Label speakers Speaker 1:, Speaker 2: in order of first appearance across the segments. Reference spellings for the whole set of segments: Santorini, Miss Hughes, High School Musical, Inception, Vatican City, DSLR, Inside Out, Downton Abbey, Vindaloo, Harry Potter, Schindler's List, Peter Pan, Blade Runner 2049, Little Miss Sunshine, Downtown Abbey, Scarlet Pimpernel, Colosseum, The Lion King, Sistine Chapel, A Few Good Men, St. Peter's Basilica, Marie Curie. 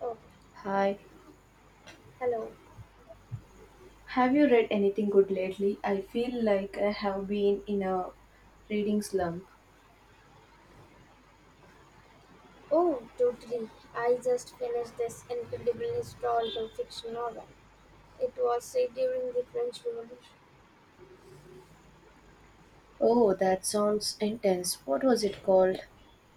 Speaker 1: Oh,
Speaker 2: Hi,
Speaker 1: hello.
Speaker 2: have you read anything good lately? I feel like I have been in a reading slump.
Speaker 1: Oh, totally. I just finished this incredible historical fiction novel. It was set during the French Revolution.
Speaker 2: Oh, that sounds intense. What was it called?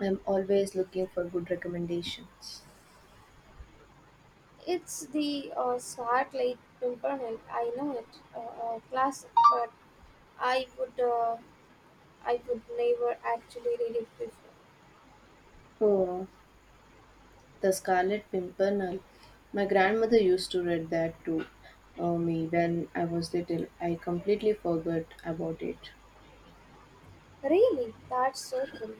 Speaker 2: I'm always looking for good recommendations.
Speaker 1: It's the Scarlet Pimpernel. I know it, a classic, but I would, uh, I would never actually read it before.
Speaker 2: Oh, The Scarlet Pimpernel. My grandmother used to read that to me when I was little. I completely forgot about it.
Speaker 1: Really, that's so cool.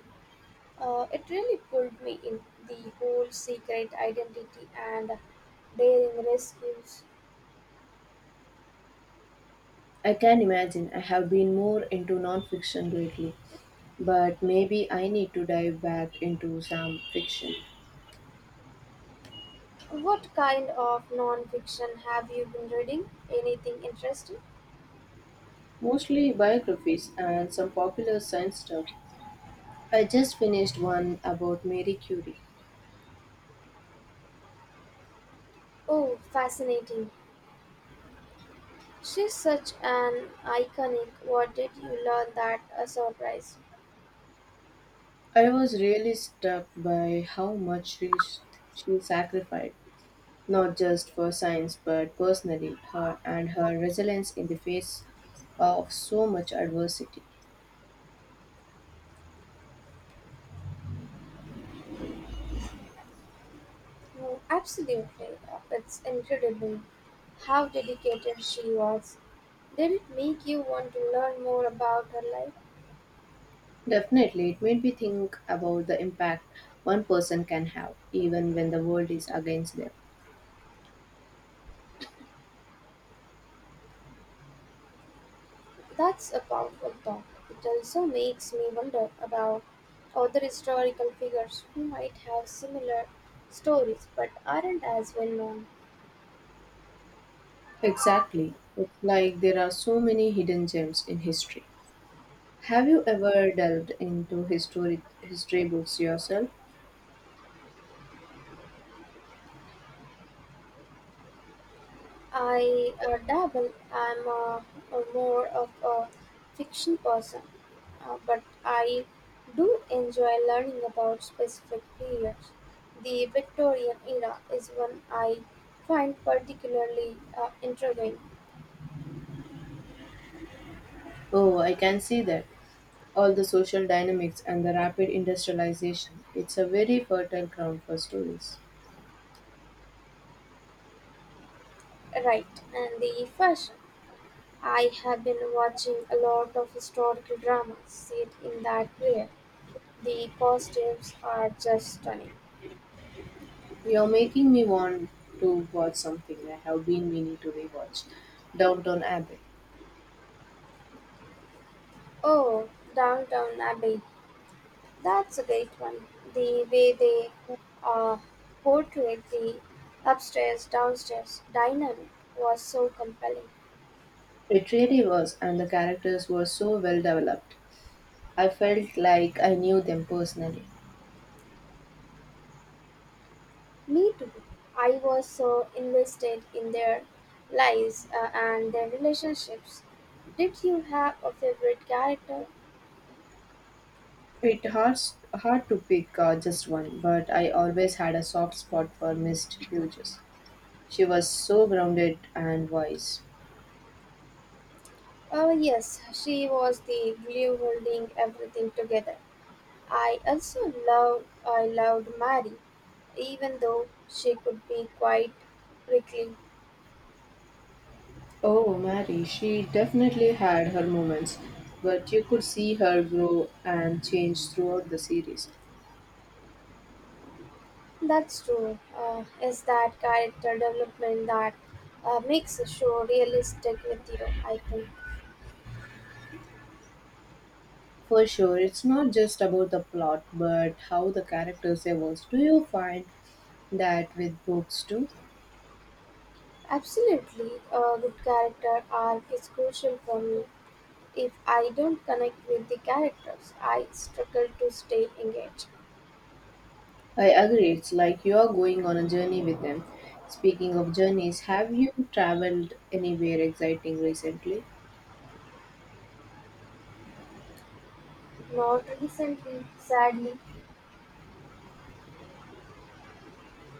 Speaker 1: It really pulled me in, the whole secret identity and daring rescues.
Speaker 2: I can imagine I have been more into non fiction lately, but maybe I need to dive back into some fiction.
Speaker 1: What kind of non-fiction have you been reading? Anything interesting?
Speaker 2: Mostly biographies and some popular science stuff. I just finished one about Marie Curie.
Speaker 1: Oh, fascinating. She's such an iconic. What did you learn that a surprise?
Speaker 2: I was really struck by how much she sacrificed, not just for science but personally, her and her resilience in the face of so much adversity.
Speaker 1: Oh, absolutely. It's incredible how dedicated she was. Did it make you want to learn more about her life?
Speaker 2: Definitely, it made me think about the impact one person can have, even when the world is against them.
Speaker 1: That's a powerful thought. It also makes me wonder about other historical figures who might have similar stories but aren't as well known.
Speaker 2: Exactly. It's like there are so many hidden gems in history. Have you ever delved into historic history books yourself?
Speaker 1: I dabble. I'm more of a fiction person, but I do enjoy learning about specific periods. The Victorian era is one I find particularly intriguing,
Speaker 2: Oh, I can see that. All the social dynamics and the rapid industrialization. It's a very fertile ground for stories.
Speaker 1: right? And the fashion. I have been watching a lot of historical dramas set in that period. The costumes are just stunning.
Speaker 2: You're making me want to watch something I have been meaning to rewatch. Downton Abbey.
Speaker 1: Oh, Downtown Abbey. That's a great one. The way they uh, portrayed the upstairs downstairs dynamic was so compelling.
Speaker 2: It really was, and the characters were so well developed. I felt like I knew them personally.
Speaker 1: Me too. I was so invested in their lives and their relationships. Did you have a favorite character?
Speaker 2: It hard, Hard to pick just one, but I always had a soft spot for Miss Hughes. She was so grounded and wise.
Speaker 1: Oh, yes, she was the glue holding everything together. I loved Mary, even though she could be quite prickly.
Speaker 2: Oh, Mary, she definitely had her moments, but you could see her grow and change throughout the series.
Speaker 1: That's true. Is that character development that makes a show realistic with you? I think
Speaker 2: For sure, it's not just about the plot, but how the characters evolve. Do you find that with books too?
Speaker 1: absolutely. A good character arc is crucial for me. If I don't connect with the characters, I struggle to stay engaged.
Speaker 2: I agree, it's like you are going on a journey with them. Speaking of journeys, have you traveled anywhere exciting recently?
Speaker 1: Not recently, sadly.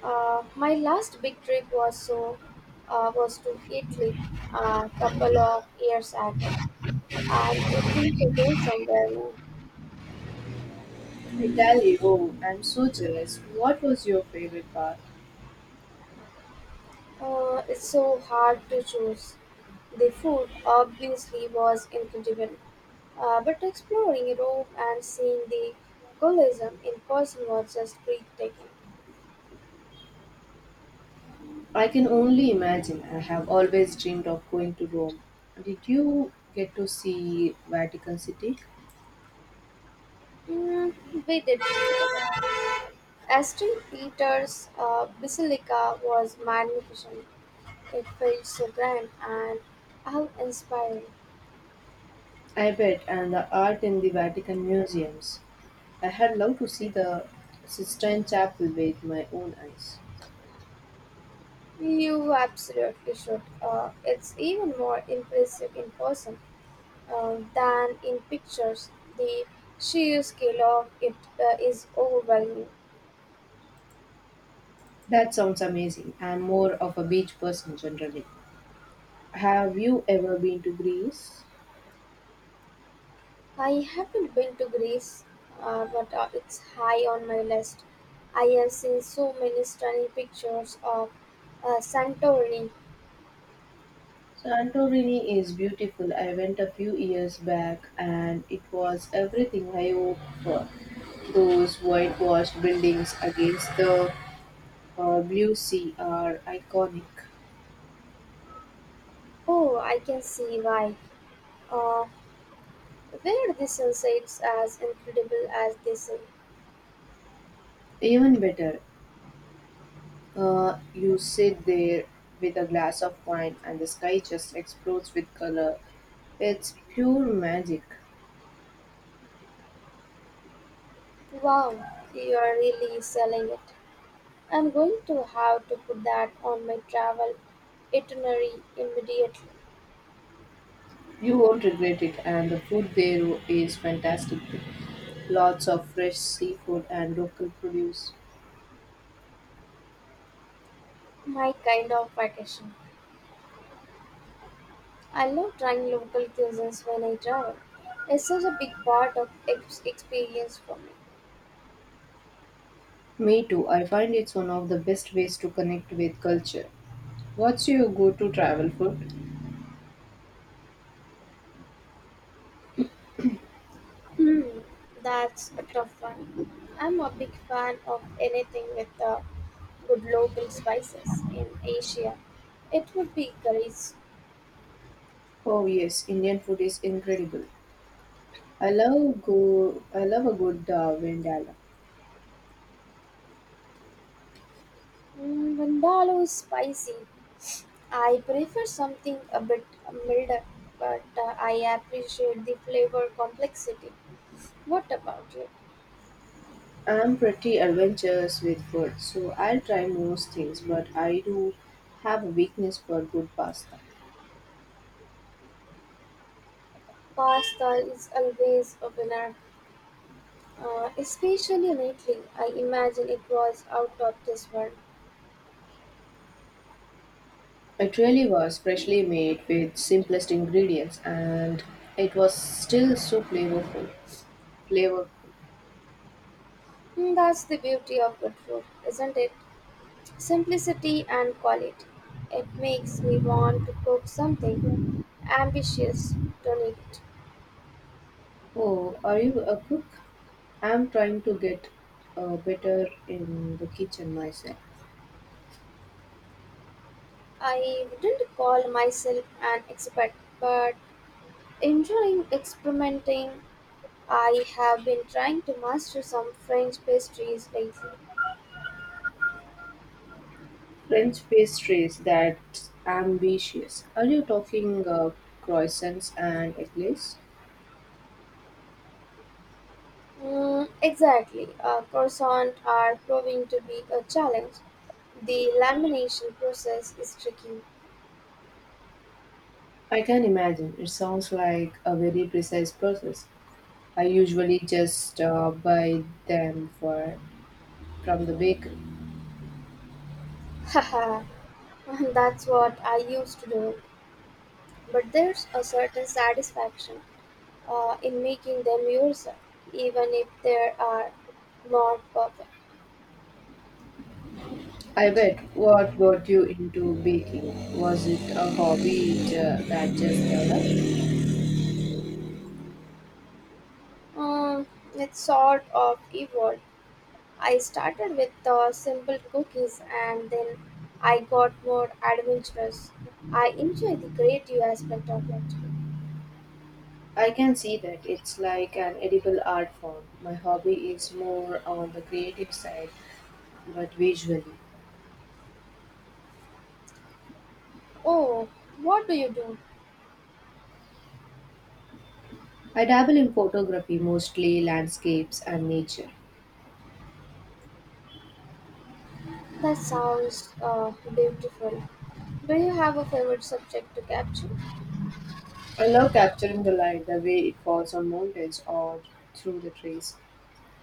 Speaker 1: My last big trip was to Italy a couple of years ago. I'm itching to go somewhere new.
Speaker 2: Italy, oh, I'm so jealous. What was your favorite part?
Speaker 1: It's so hard to choose. The food obviously was incredible, but exploring Rome and seeing the Colosseum in person was just breathtaking.
Speaker 2: I can only imagine. I have always dreamed of going to Rome. Did you get to see Vatican City?
Speaker 1: Mm, we did. As St. Peter's Basilica was magnificent. It felt so grand and awe-inspiring.
Speaker 2: I bet, and the art in the Vatican museums. I had loved to see the Sistine Chapel with my own eyes.
Speaker 1: You absolutely should. It's even more impressive in person than in pictures. The sheer scale of it is overwhelming.
Speaker 2: That sounds amazing. I'm more of a beach person generally. Have you ever been to Greece?
Speaker 1: I haven't been to Greece, but it's high on my list. I have seen so many stunning pictures of Santorini.
Speaker 2: Santorini is beautiful. I went a few years back and it was everything I hoped for. Those whitewashed buildings against the blue sea are iconic.
Speaker 1: Oh, I can see why. Uh, where the sunset's as incredible as they say.
Speaker 2: Even better, you sit there with a glass of wine and the sky just explodes with color. It's pure magic.
Speaker 1: Wow, you are really selling it. I'm going to have to put that on my travel itinerary immediately.
Speaker 2: You won't regret it, and the food there is fantastic. Too. Lots of fresh seafood and local produce.
Speaker 1: My kind of vacation. I love trying local cuisines when I travel. It's such a big part of experience for me.
Speaker 2: Me too. I find it's one of the best ways to connect with culture. What's your go-to travel food?
Speaker 1: Hmm, that's a tough one. I'm a big fan of anything with good local spices in Asia. It would be curries.
Speaker 2: Oh yes, Indian food is incredible. I love go. I love a good vendala.
Speaker 1: Mm, Vindaloo is spicy. I prefer something a bit milder, but I appreciate the flavor complexity. What about you?
Speaker 2: I'm pretty adventurous with food, so I'll try most things. But I do have a weakness for good pasta.
Speaker 1: Pasta is always a winner. Especially lately, I imagine it was out of this world.
Speaker 2: It really was freshly made with simplest ingredients, and it was still so flavorful. Flavorful.
Speaker 1: Hmm, that's the beauty of good food, isn't it? Simplicity and quality. It makes me want to cook something ambitious, tonight.
Speaker 2: Oh, are you a cook? I'm trying to get better in the kitchen myself.
Speaker 1: I wouldn't call myself an expert, but enjoying experimenting. I have been trying to master some French pastries lately.
Speaker 2: French pastries that's ambitious. Are you talking croissants and eclairs?
Speaker 1: Mm, exactly. Croissants are proving to be a challenge. The lamination process is tricky.
Speaker 2: I can imagine. It sounds like a very precise process. I usually just buy them for from the bakery.
Speaker 1: Haha, that's what I used to do. But there's a certain satisfaction in making them yourself, even if they are not perfect.
Speaker 2: I bet. What got you into baking? Was it a hobby that just developed?
Speaker 1: Um, it's sort of evolved. I started with simple cookies and then I got more adventurous. I enjoy the creative aspect of it.
Speaker 2: I can see that it's like an edible art form. My hobby is more on the creative side, but visually.
Speaker 1: Oh, what do you do?
Speaker 2: I dabble in photography, mostly landscapes and nature.
Speaker 1: That sounds beautiful. Do you have a favorite subject to capture?
Speaker 2: I love capturing the light, the way it falls on mountains or through the trees.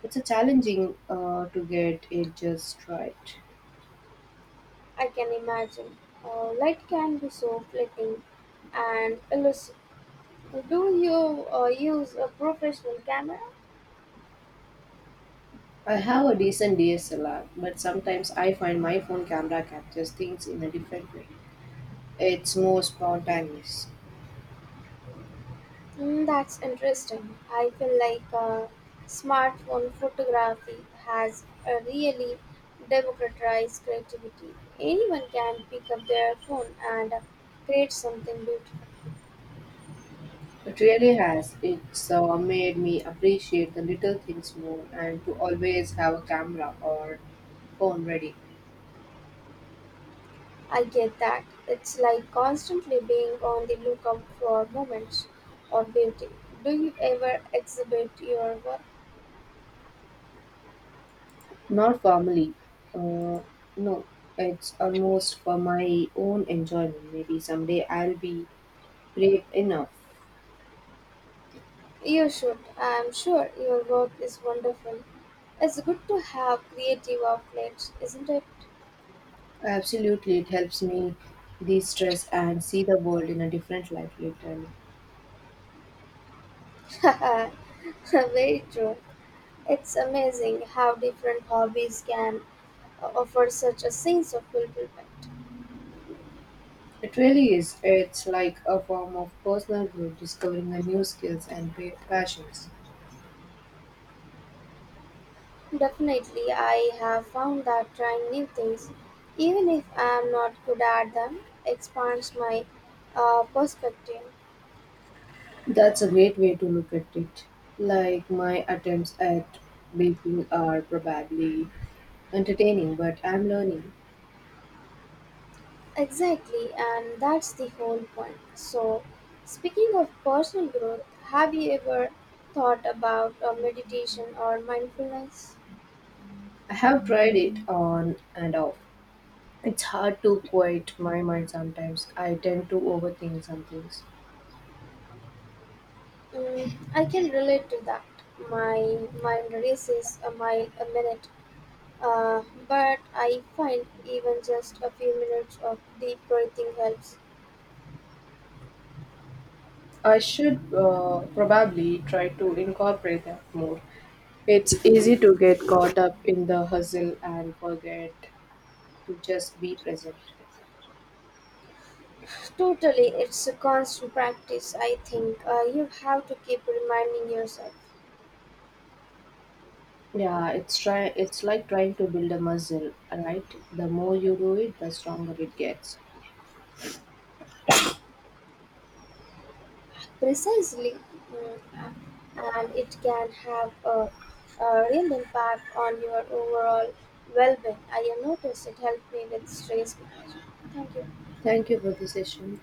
Speaker 2: It's a challenging to get it just right.
Speaker 1: I can imagine. Light can be so fleeting and elusive. Do you use a professional camera?
Speaker 2: I have a decent DSLR, but sometimes I find my phone camera captures things in a different way. It's more spontaneous.
Speaker 1: Mm, that's interesting. I feel like smartphone photography has really democratized creativity. Anyone can pick up their phone and create something beautiful.
Speaker 2: It really has. It's made me appreciate the little things more and to always have a camera or phone ready.
Speaker 1: I get that. It's like constantly being on the lookout for moments of beauty. Do you ever exhibit your work?
Speaker 2: Not formally. Uh, no, it's almost for my own enjoyment. Maybe someday I'll be brave enough.
Speaker 1: You should. I'm sure your work is wonderful. It's good to have creative outlets, isn't it?
Speaker 2: Absolutely, it helps me de stress and see the world in a different light, literally.
Speaker 1: Very true. It's amazing how different hobbies can offer such a sense of fulfillment.
Speaker 2: It really is. It's like a form of personal growth, discovering the new skills and passions.
Speaker 1: Definitely, I have found that trying new things, even if I am not good at them, expands my perspective.
Speaker 2: That's a great way to look at it. Like my attempts at baking are probably entertaining, but I'm learning.
Speaker 1: Exactly, and that's the whole point. So, speaking of personal growth, have you ever thought about meditation or mindfulness?
Speaker 2: I have tried it on and off. It's hard to quiet my mind sometimes. I tend to overthink some things.
Speaker 1: Mm, I can relate to that. My mind races a mile a minute, uh, but I find even just a few minutes of deep breathing helps.
Speaker 2: I should probably try to incorporate that more. It's easy to get caught up in the hustle and forget to just be present.
Speaker 1: Totally, it's a constant practice, I think. You have to keep reminding yourself.
Speaker 2: Yeah, it's try it's like trying to build a muscle, right? The more you do it, the stronger it gets.
Speaker 1: Precisely, mm, and it can have a real impact on your overall well being. I have noticed it helped me with stress management. Thank you.
Speaker 2: Thank you for the session.